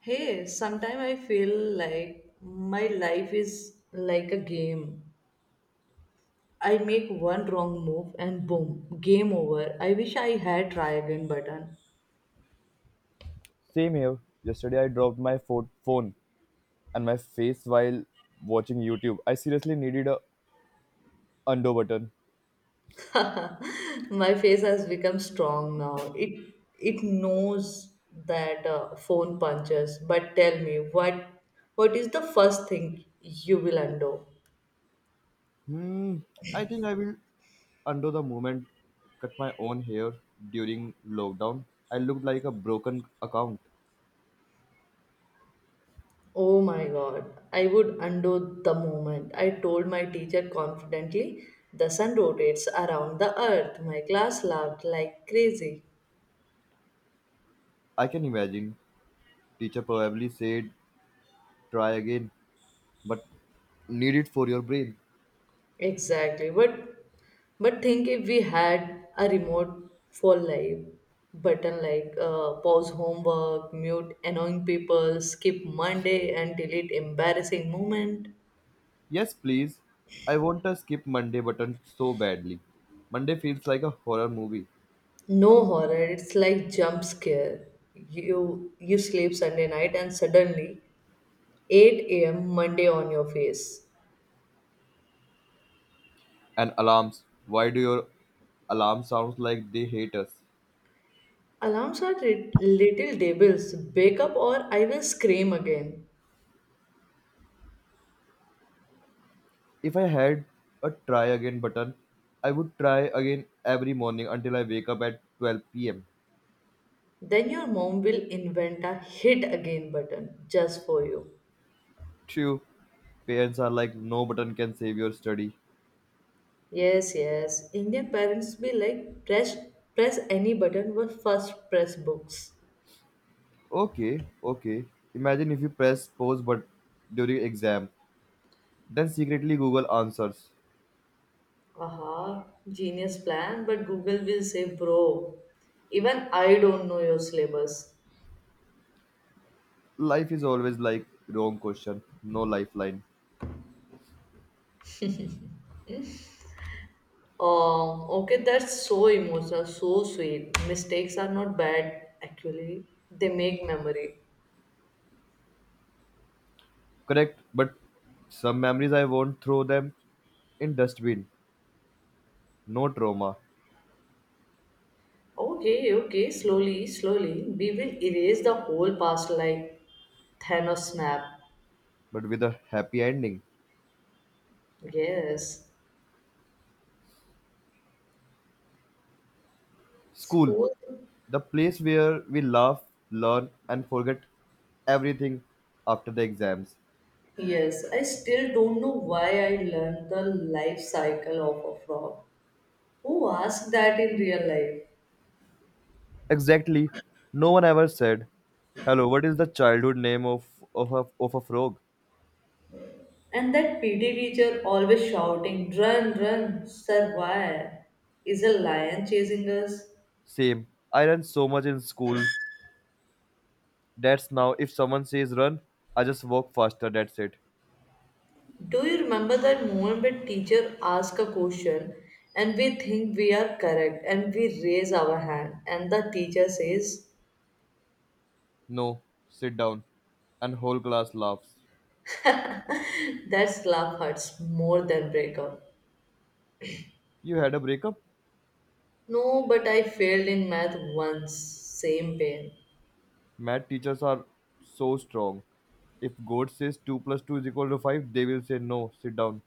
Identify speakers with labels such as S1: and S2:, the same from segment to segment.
S1: Hey, sometimes I feel like my life is like a game. I make one wrong move and boom, game over. I wish I had try again button.
S2: Same here. Yesterday I dropped my phone and my face while watching YouTube. I seriously needed a undo button.
S1: My face has become strong now. It knows that phone punches. But tell me, what is the first thing you will undo?
S2: Hmm. I think I will undo the moment. Cut my own hair during lockdown. I looked like a broken account.
S1: Oh my god, I would undo the moment. I told my teacher confidently, the sun rotates around the earth. My class laughed like crazy.
S2: I can imagine. Teacher probably said try again, but need it for your brain.
S1: Exactly, but think if we had a remote for life button like pause homework, mute annoying people, skip Monday and delete embarrassing moment.
S2: Yes, please. I want to skip Monday button so badly. Monday feels like a horror movie.
S1: No horror, it's like jump scare. You sleep Sunday night and suddenly 8 a.m. Monday on your face.
S2: And alarms. Why do your alarm sounds like they hate us?
S1: Alarms are little devils. Wake up or I will scream again.
S2: If I had a try again button, I would try again every morning until I wake up at 12 pm.
S1: Then your mom will invent a hit again button just for you.
S2: True, parents are like, no button can save your study.
S1: Yes, yes. Indian parents be like press any button but first press books.
S2: Okay. Imagine if you press pause but during exam, then secretly Google answers.
S1: Aha, genius plan, but Google will say, bro, even I don't know your syllabus.
S2: Life is always like wrong question, no lifeline.
S1: Okay, that's so emotional, so sweet. Mistakes are not bad, actually. They make memory.
S2: Correct, but some memories I won't throw them in dustbin. No trauma,
S1: Okay, okay, slowly, slowly. We will erase the whole past like Thanos snap.
S2: but with a happy ending.
S1: Yes.
S2: School,
S1: School.
S2: the place where we laugh, learn, and forget everything after the exams.
S1: Yes, I still don't know why I learned the life cycle of a frog. Who asked that in real life?
S2: Exactly. No one ever said, hello, what is the childhood name of a frog?
S1: And that PD teacher always shouting, run, run, survive. Is a lion chasing us?
S2: Same. I ran so much in school. That's now. If someone says run, I just walk faster. That's it.
S1: Do you remember that moment when teacher ask a question and we think we are correct and we raise our hand and the teacher says
S2: No, sit down. And whole class laughs.
S1: that slap hurts more than breakup.
S2: You had a breakup?
S1: No, but I failed in math once, same pain.
S2: Math teachers are so strong. If God says 2 plus 2 is equal to 5, they will say no, sit down.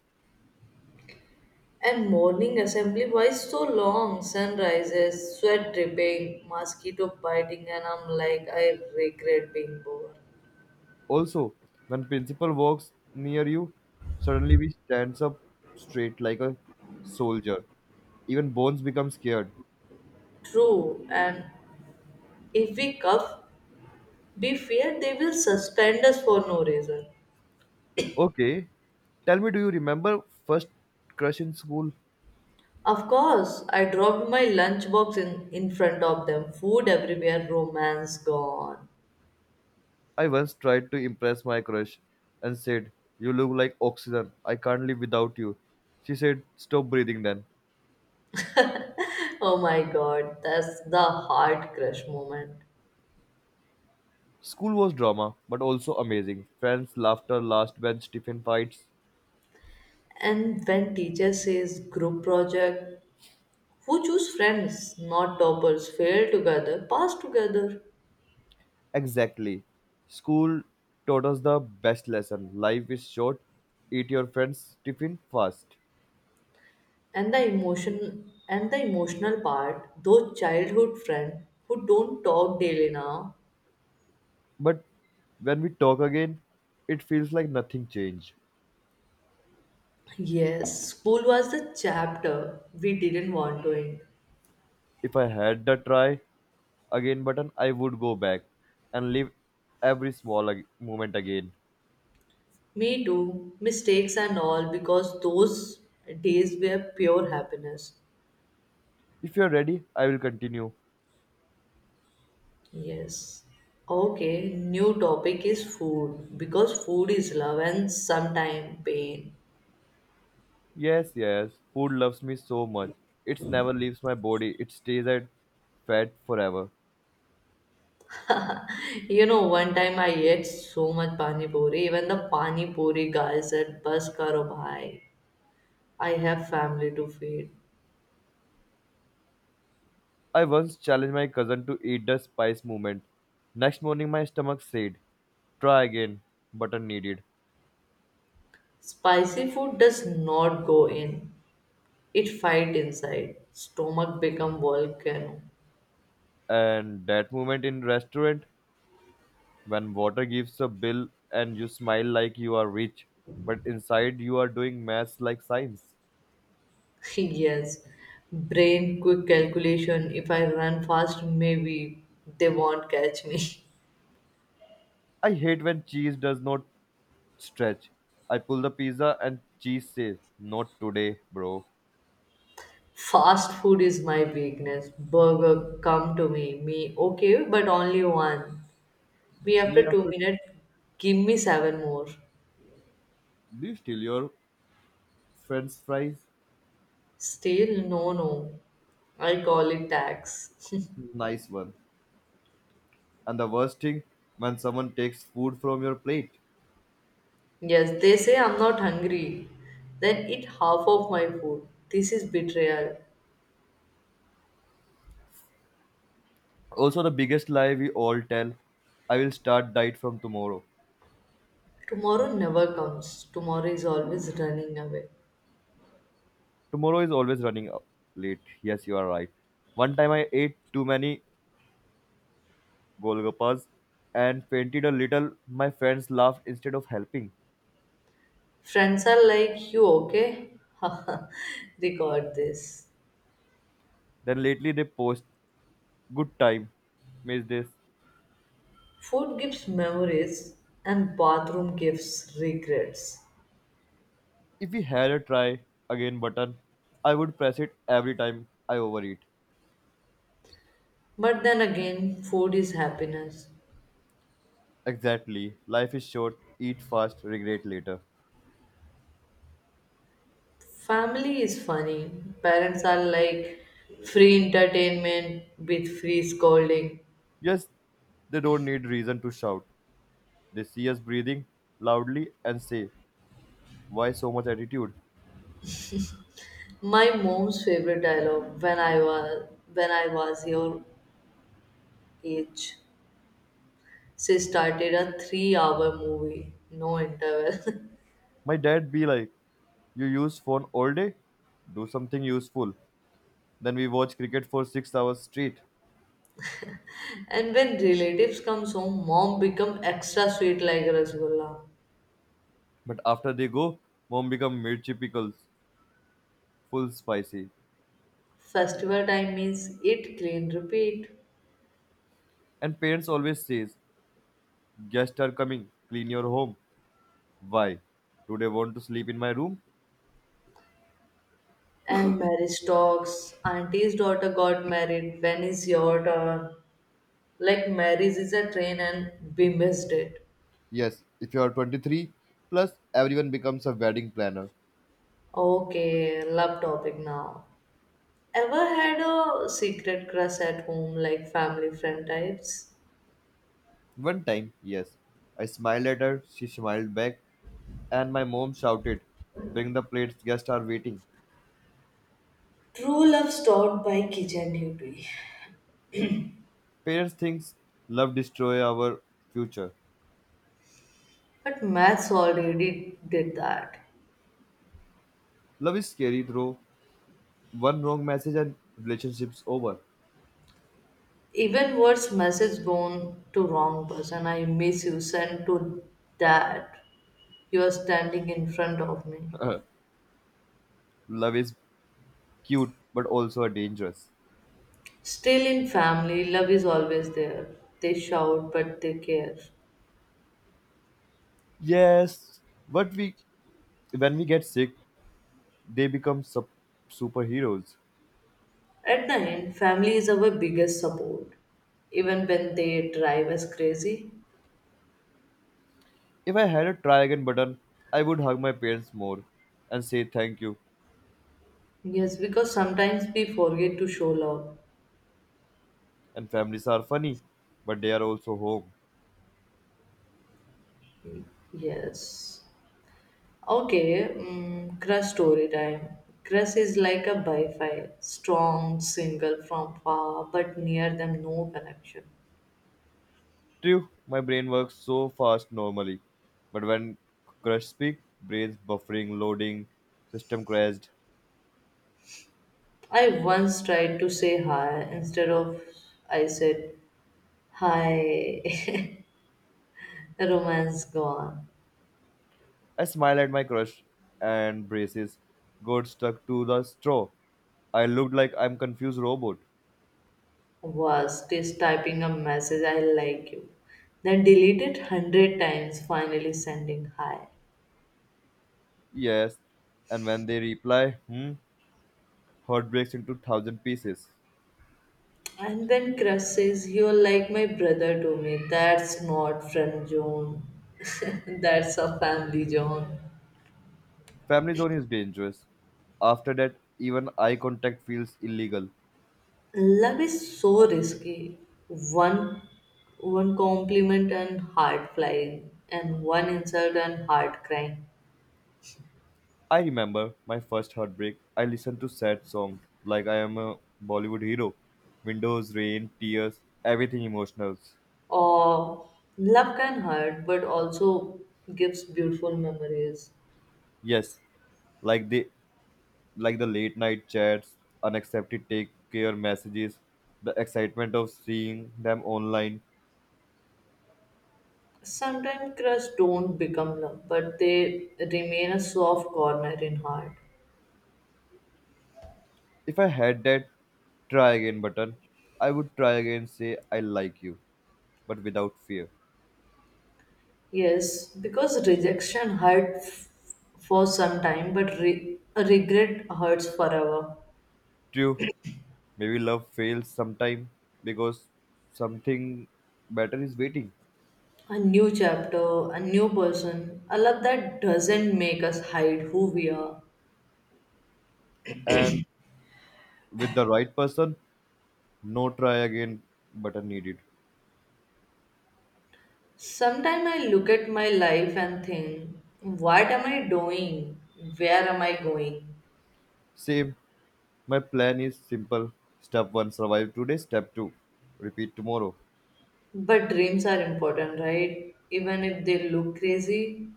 S1: And morning assembly, why so long? Sun rises, sweat dripping, mosquito biting, and I'm like, I regret being bored.
S2: Also, when principal walks near you, suddenly he stands up straight like a soldier. Even Bones becomes scared.
S1: True, and if we cuff, we fear they will suspend us for no reason.
S2: Okay, tell me, do you remember first crush in school?
S1: Of course, I dropped my lunchbox in front of them. Food everywhere, romance gone.
S2: I once tried to impress my crush and said, you look like oxygen. I can't live without you. She said, stop breathing then.
S1: Oh my god, that's the heart crush moment.
S2: School was drama, but also amazing. Friends, laughter, last bench, tiffin fights.
S1: And when teacher says group project, who choose friends, not toppers, fail together, pass together.
S2: Exactly. School taught us the best lesson. Life is short. Eat your friends' tiffin fast.
S1: And the emotion and the emotional part, those childhood friends who don't talk daily now.
S2: But when we talk again, it feels like nothing changed.
S1: Yes, school was the chapter we didn't want to end.
S2: If I had the try again button, I would go back and live every small moment again.
S1: Me too, mistakes and all, because those days were pure happiness.
S2: If you are ready, I will continue.
S1: Yes. Okay, new topic is food because food is love and sometimes pain.
S2: Yes, food loves me so much. It never leaves my body, it stays at fat forever.
S1: You know, one time I ate so much pani puri, even the pani puri guy said, Bas karo bhai, I have family to feed.
S2: I once challenged my cousin to eat the spice movement. Next morning, my stomach said, try again, button needed.
S1: Spicy food does not go in, it fight inside. Stomach become volcano.
S2: And that moment in restaurant, when water gives a bill and you smile like you are rich, but inside you are doing maths like science.
S1: Yes, brain quick calculation. If I run fast, maybe they won't catch me.
S2: I hate when cheese does not stretch. I pull the pizza and cheese says, not today, bro.
S1: Fast food is my weakness. Burger, come to me. Me, okay, but only one. Me,
S2: Me
S1: after two
S2: after
S1: minutes, give me seven more.
S2: do you steal your friend's fries?
S1: Still, no, no. I call it tax.
S2: Nice one. And the worst thing, when someone takes food from your plate.
S1: Yes, they say I'm not hungry. Then eat half of my food. This is betrayal.
S2: Also, the biggest lie we all tell I will start diet from tomorrow.
S1: Tomorrow never comes. Tomorrow is always running away.
S2: Tomorrow is always running up late. Yes, you are right. One time I ate too many golgappas and fainted a little. My friends laughed instead of helping.
S1: Friends are like, you okay? Record this.
S2: Then lately they post, good time, miss this.
S1: Food gives memories and bathroom gives regrets.
S2: If we had a try again button, I would press it every time I overeat.
S1: But then again, food is happiness.
S2: Exactly. Life is short, eat fast, regret later.
S1: Family is funny. Parents are like free entertainment with free scolding.
S2: Yes, they don't need reason to shout. They see us breathing loudly and say, why so much attitude?
S1: My mom's favorite dialogue when I was your age. She started a 3 hour movie, no interval.
S2: My dad be like, you use phone all day? Do something useful. Then we watch cricket for 6 hours straight.
S1: And when relatives comes home, mom become extra sweet like rasgulla.
S2: But after they go, mom become mirchi pickles, full spicy.
S1: Festival time means eat, clean, repeat.
S2: And parents always says, guests are coming, clean your home. Why? Do they want to sleep in my room?
S1: And marriage talks. Auntie's daughter got married. When is your turn? Like marriage is a train and we missed it.
S2: Yes, if you are 23, plus everyone becomes a wedding planner.
S1: Okay, love topic now. Ever had a secret crush at home, like family friend types?
S2: One time, yes, I smiled at her, she smiled back, and my mom shouted, bring the plates, guests are waiting.
S1: True love stopped by kitchen duty.
S2: Parents think love destroy our future.
S1: But maths already did that.
S2: Love is scary, though. One wrong message and relationship's over.
S1: Even worse, message gone to wrong person. I miss you. Sent to that you are standing in front of me.
S2: love is cute, but also a dangerous.
S1: Still in family, love is always there. They shout, but they care.
S2: Yes, but we when we get sick, they become superheroes.
S1: At the end, family is our biggest support, even when they drive us crazy.
S2: If I had a try again button, I would hug my parents more and say thank you.
S1: Yes, because sometimes we forget to show love.
S2: And families are funny, but they are also home.
S1: Yes. Okay, mm, Crush story time. Crush is like a bi-fi, strong, single from far, but near them no connection.
S2: True, my brain works so fast normally, but when crush speak, brains buffering, loading, system crashed.
S1: I once tried to say hi instead of I said hi. Romance gone.
S2: I smile at my crush and braces got stuck to the straw. I looked like I'm confused robot.
S1: Worst is typing a message I like you, then delete it hundred times, finally sending hi.
S2: Yes, and when they reply, hmm, heart breaks into thousand pieces.
S1: And then Crush says, You're like my brother to me. That's not friend zone. That's a family zone.
S2: Family zone is dangerous. After that, even eye contact feels illegal.
S1: Love is so risky. One one compliment and heart flying, and one insult and heart crying.
S2: I remember my first heartbreak. I listened to sad songs like I am a Bollywood hero. Windows, rain, tears, everything emotional.
S1: Or love can hurt but also gives beautiful memories.
S2: Yes, like the late night chats, unaccepted take care messages, the excitement of seeing them online.
S1: Sometimes crush don't become love, but they remain a soft corner in heart.
S2: If I had that try again button, I would try again say I like you, but without fear.
S1: Yes, because rejection for some time, but a regret hurts forever.
S2: True, maybe love fails sometime because something better is waiting.
S1: A new chapter, a new person, a love that doesn't make us hide who we are.
S2: And with the right person, no try again button needed.
S1: Sometimes I look at my life and think, what am I doing? Where am I going?
S2: Same, my plan is simple. Step 1 survive today, step 2 repeat tomorrow.
S1: But dreams are important, right? Even if they look crazy.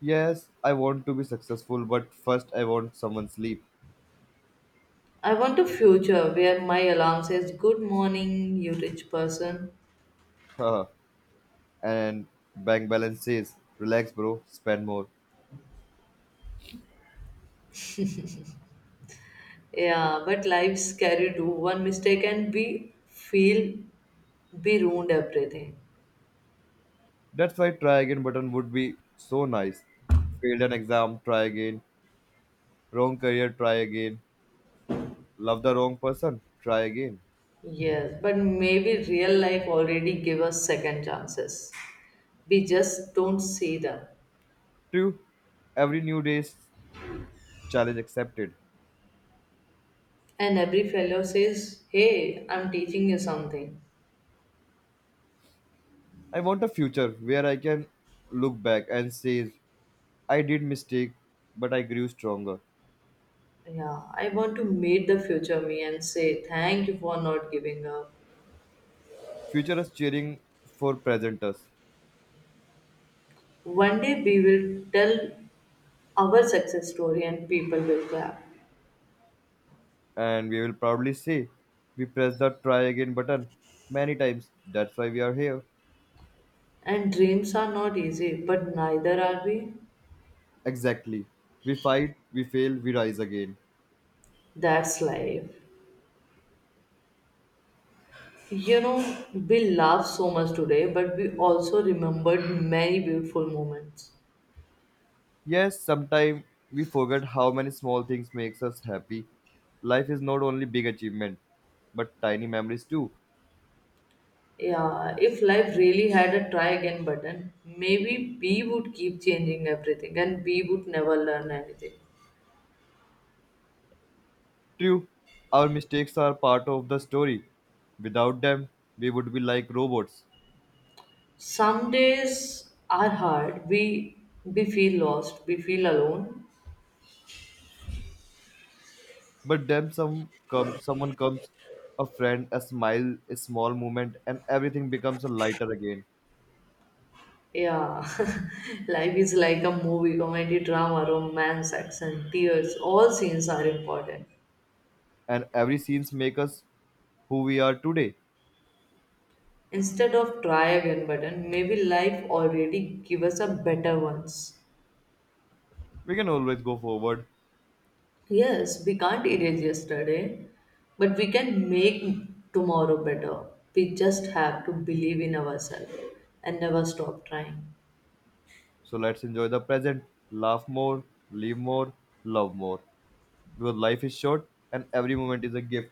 S2: Yes, I want to be successful, but first I want someone sleep.
S1: I want a future where my alarm says, Good morning, you rich person.
S2: Haha. And bank balance says, relax, bro, spend more.
S1: Yeah, but life's scary too. One mistake and we feel we ruined everything.
S2: That's why try again button would be so nice. Failed an exam, try again. Wrong career, try again. Love the wrong person, try again.
S1: Yes, but maybe real life already give us second chances. We just don't see them.
S2: True, every new day's challenge accepted.
S1: And every fellow says, Hey, I'm teaching you something.
S2: I want a future where I can look back and say, I did mistake, but I grew stronger.
S1: Yeah, I want to meet the future me and say thank you for not giving up.
S2: Future is cheering for present us,
S1: One day we will tell our success story and people will clap.
S2: and we will proudly say, we pressed the try again button many times. That's why we are here.
S1: And dreams are not easy, but neither are we.
S2: Exactly. We fight, we fail, we rise again.
S1: That's life. You know, we laugh so much today, but we also remembered many beautiful moments.
S2: Yes, sometimes we forget how many small things makes us happy. Life is not only big achievement, but tiny memories too.
S1: Yeah, if life really had a try again button, maybe we would keep changing everything and we would never learn anything.
S2: True, our mistakes are part of the story. Without them, we would be like robots.
S1: Some days are hard. We feel lost. We feel alone.
S2: But then some come, someone comes, a friend, a smile, a small moment, and everything becomes lighter again.
S1: Yeah, life is like a movie, comedy, drama, romance, action, tears. All scenes are important.
S2: And every scenes make us who we are today.
S1: Instead of try again button, maybe life already give us a better ones.
S2: We can always go forward.
S1: Yes, we can't erase yesterday, but we can make tomorrow better. We just have to believe in ourselves and never stop trying.
S2: So let's enjoy the present, laugh more, live more, love more. Because life is short and every moment is a gift.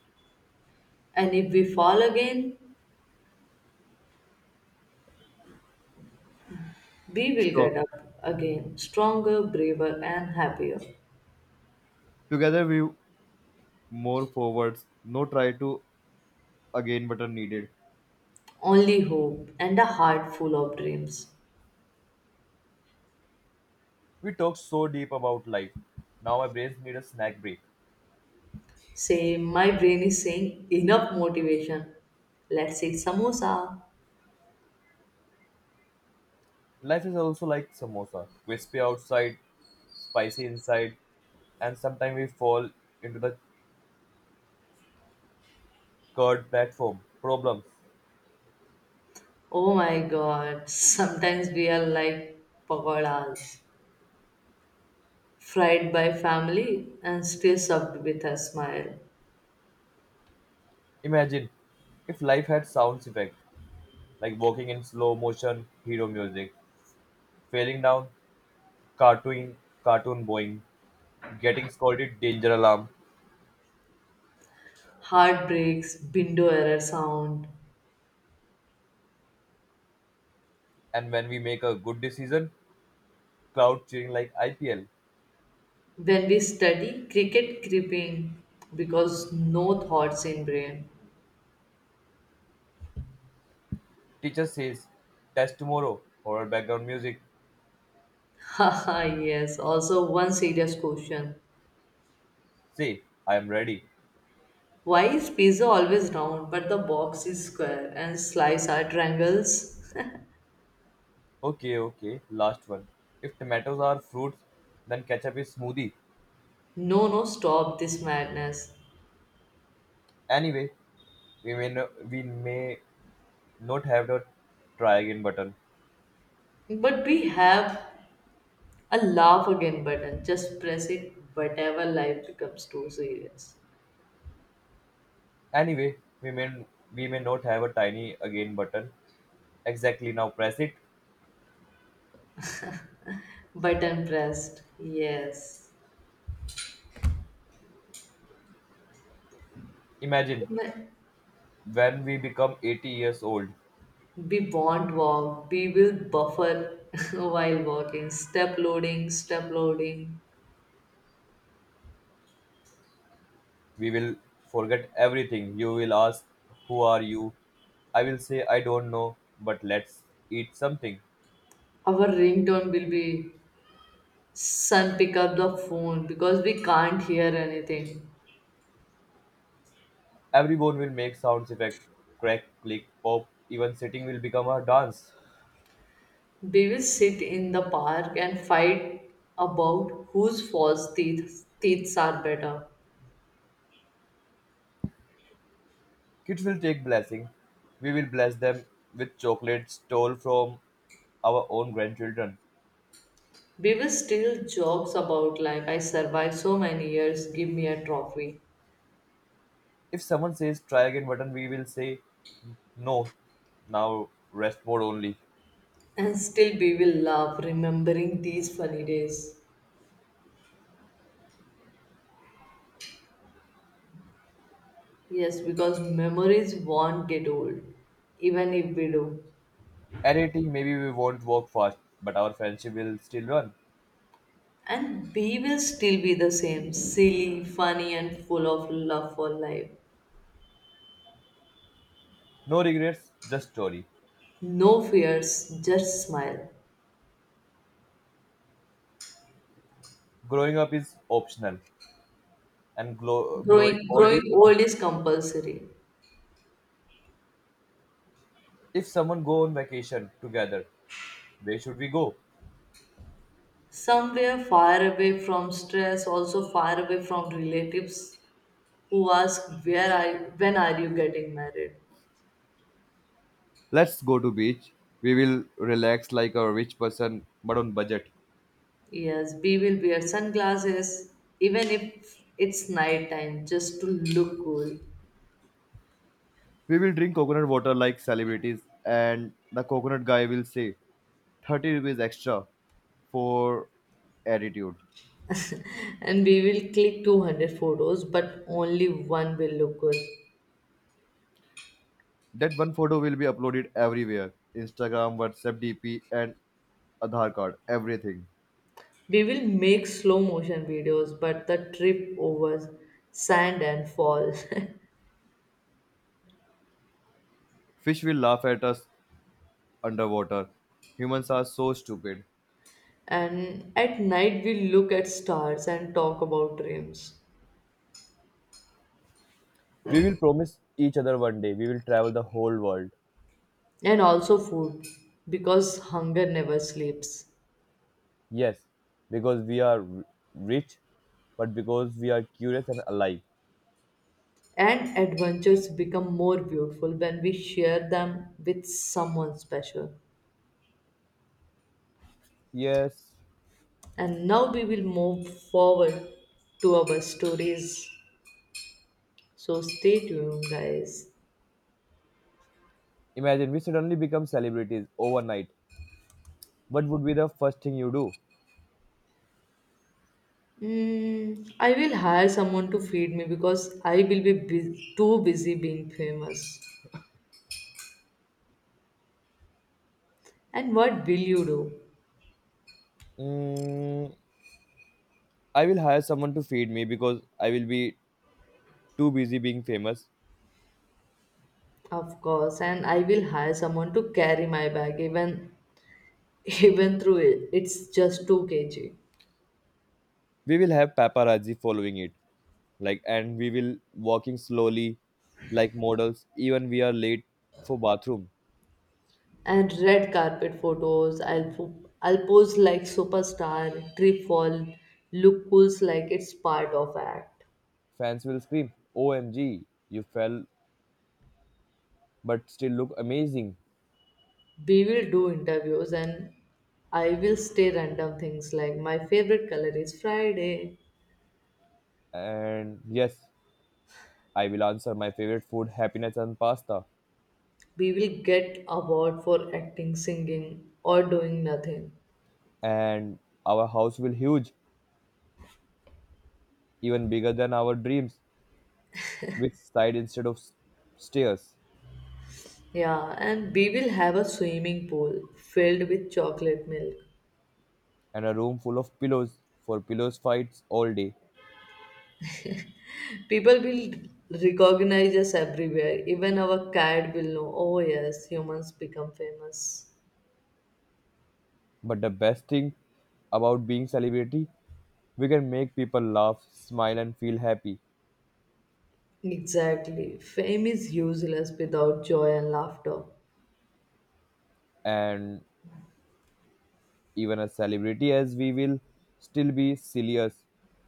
S1: And if we fall again, we will get
S2: So
S1: up again, stronger, braver, and happier.
S2: together we more forwards, no try to again but are needed.
S1: Only hope and a heart full of dreams.
S2: We talk so deep about life. Now my brains need a snack break.
S1: Say, my brain is saying enough motivation. Let's eat samosa.
S2: Life is also like samosa, crispy outside, spicy inside, and sometimes we fall into the curd platform problems.
S1: Oh my god, sometimes we are like pagodas, fried by family and still served with a smile.
S2: Imagine if life had sounds effect like walking in slow motion, hero music, failing down, cartoon, cartoon boing, getting scolded, danger alarm.
S1: Heartbreaks, window error sound.
S2: And when we make a good decision, crowd cheering like IPL.
S1: When we study, cricket creeping because no thoughts in brain.
S2: Teacher says, test tomorrow. Horror background music.
S1: Haha, yes, also one serious question.
S2: Say, I am ready.
S1: Why is pizza always round but the box is square and slice are triangles?
S2: Okay, last one. If tomatoes are fruits, then ketchup is smoothie.
S1: No, no, stop this madness.
S2: Anyway, we may, no, we may not have the try again button.
S1: But we have a laugh again button. Just press it whatever life becomes too serious.
S2: Anyway, we may, we may not have a tiny again button. Exactly now, press it.
S1: Button pressed. Yes.
S2: Imagine
S1: Ma-
S2: when we become 80 years old.
S1: We won't walk. We will buffer while walking. Step loading, step loading.
S2: We will forget everything. You will ask, who are you? I will say, I don't know, but let's eat something.
S1: Our ringtone will be son pick up the phone because we can't hear anything.
S2: Every bone will make sounds effect crack, click, pop. Even sitting will become a dance.
S1: We will sit in the park and fight about whose false teeth are better.
S2: Kids will take blessing. We will bless them with chocolate stole from our own grandchildren.
S1: We will still jokes about like I survived so many years, give me a trophy.
S2: If someone says try again button, we will say no. Now rest mode only.
S1: And still we will love remembering these funny days. Yes, because memories won't get old, even if we do.
S2: At 18, maybe we won't walk fast, but our friendship will still run.
S1: And we will still be the same, silly, funny and full of love for life.
S2: No regrets, just story.
S1: No fears, just smile.
S2: Growing up is optional, and growing
S1: Growing
S2: old
S1: growing
S2: is
S1: old is
S2: compulsory.
S1: compulsory.
S2: If someone go on vacation together, where should we go?
S1: Somewhere far away from stress, also far away from relatives who asked where are you, when are you getting married.
S2: Let's go to beach. We will relax like a rich person but on budget.
S1: Yes, we will wear sunglasses even if it's night time just to look cool.
S2: We will drink coconut water like celebrities and the coconut guy will say 30 rupees extra for attitude.
S1: And we will click 200 photos but only one will look good.
S2: That one photo will be uploaded everywhere. Instagram, WhatsApp, DP and Aadhaar card, everything.
S1: We will make slow motion videos but the trip over sand and fall.
S2: Fish will laugh at us underwater. Humans are so stupid.
S1: And at night we look at stars and talk about dreams
S2: We will promise each other one day we will travel the whole world.
S1: and also food because hunger never sleeps.
S2: Yes, because we are rich, but because we are curious and alive.
S1: And adventures become more beautiful when we share them with someone special.
S2: Yes,
S1: And now we will move forward to our stories. So stay tuned, guys.
S2: imagine we suddenly become celebrities overnight. What would be the first thing you do?
S1: Mm, I will hire someone to feed me because I will be too busy being famous. And what will you do?
S2: Mm, I will hire someone to feed me because I will be too busy being famous.
S1: Of course, and I will hire someone to carry my bag even even through it. It's just 2 kg.
S2: We will have paparazzi following it. Like and we will walking slowly like models even we are late for bathroom
S1: And red carpet photos. I'll pose like superstar, trip fall, look cool like it's part of act.
S2: fans will scream omg you fell but still look amazing
S1: We will do interviews and I will say random things like my favorite color is Friday.
S2: and yes I will answer my favorite food happiness and pasta
S1: We will get award for acting, singing, or doing nothing.
S2: and our house will huge even bigger than our dreams with side instead of stairs
S1: Yeah, and we will have a swimming pool filled with chocolate milk.
S2: and a room full of pillows for pillows fights all day.
S1: People will recognize us everywhere. Even our cat will know, oh yes, humans become famous.
S2: But the best thing about being celebrity, we can make people laugh, smile and feel happy.
S1: Exactly. Fame is useless without joy and laughter.
S2: And even as celebrity as we will still be silly as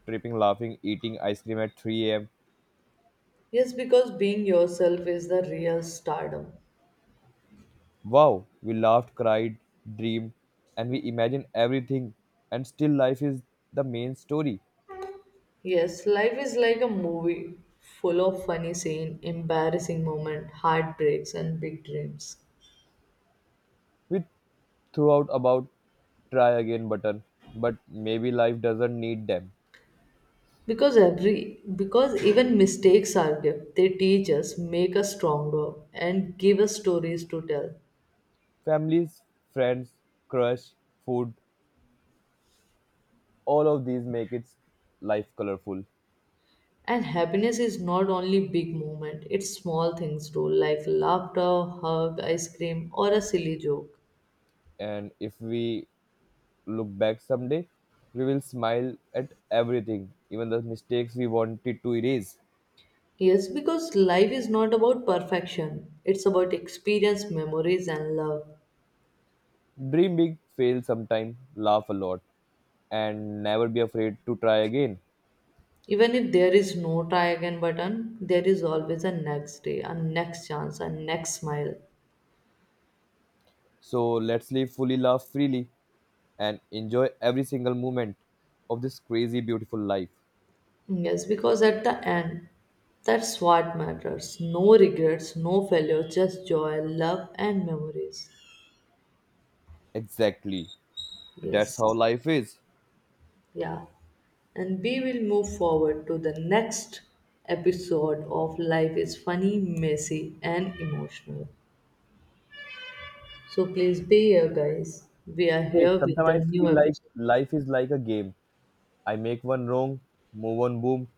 S2: tripping, laughing, eating ice cream at 3 a.m.
S1: Yes, because being yourself is the real stardom.
S2: Wow, we laughed, cried, dreamed, and we imagined everything and still life is the main story.
S1: Yes, life is like a movie full of funny scene, embarrassing moment, heartbreaks and big dreams.
S2: We threw out about try again button, but maybe life doesn't need them.
S1: Because every because even mistakes are gift. They teach us, make us stronger and give us stories to tell.
S2: Families, friends, crush, food, all of these make its life colorful.
S1: And happiness is not only big moment, it's small things too, like laughter, hug, ice cream, or a silly joke.
S2: And if we look back someday we will smile at everything even the mistakes we wanted to erase.
S1: Yes, because life is not about perfection, it's about experience, memories, and love.
S2: Dream big fail sometime laugh a lot and never be afraid to try again.
S1: Even if there is no try again button, there is always a next day, a next chance, a next smile.
S2: So let's live fully laugh freely and enjoy every single moment of this crazy beautiful life.
S1: Yes, because at the end, that's what matters. No regrets, no failure, just joy, love, and memories.
S2: Exactly, that's how
S1: Yes.
S2: life is.
S1: Yeah. And we will move forward to the next episode of Life is Funny, Messy, and Emotional. So please be here, guys. We are
S2: Hey,
S1: here with
S2: sometimes I
S1: the new
S2: feel like
S1: episode.
S2: life is like a game. I make one wrong, move on, boom,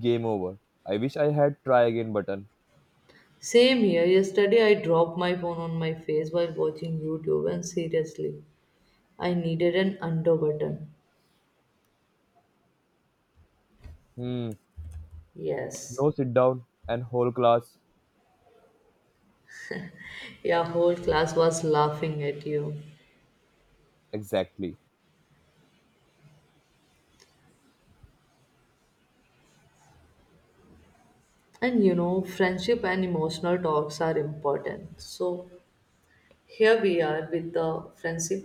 S2: game over. I wish I had try again button.
S1: Same here. Yesterday, I dropped my phone on my face while watching YouTube, and seriously, I needed an undo button.
S2: Hmm,
S1: Yes.
S2: no sit down and whole class.
S1: Your whole class was laughing at you.
S2: Exactly.
S1: And you know, friendship and emotional talks are important. So here we are with the friendship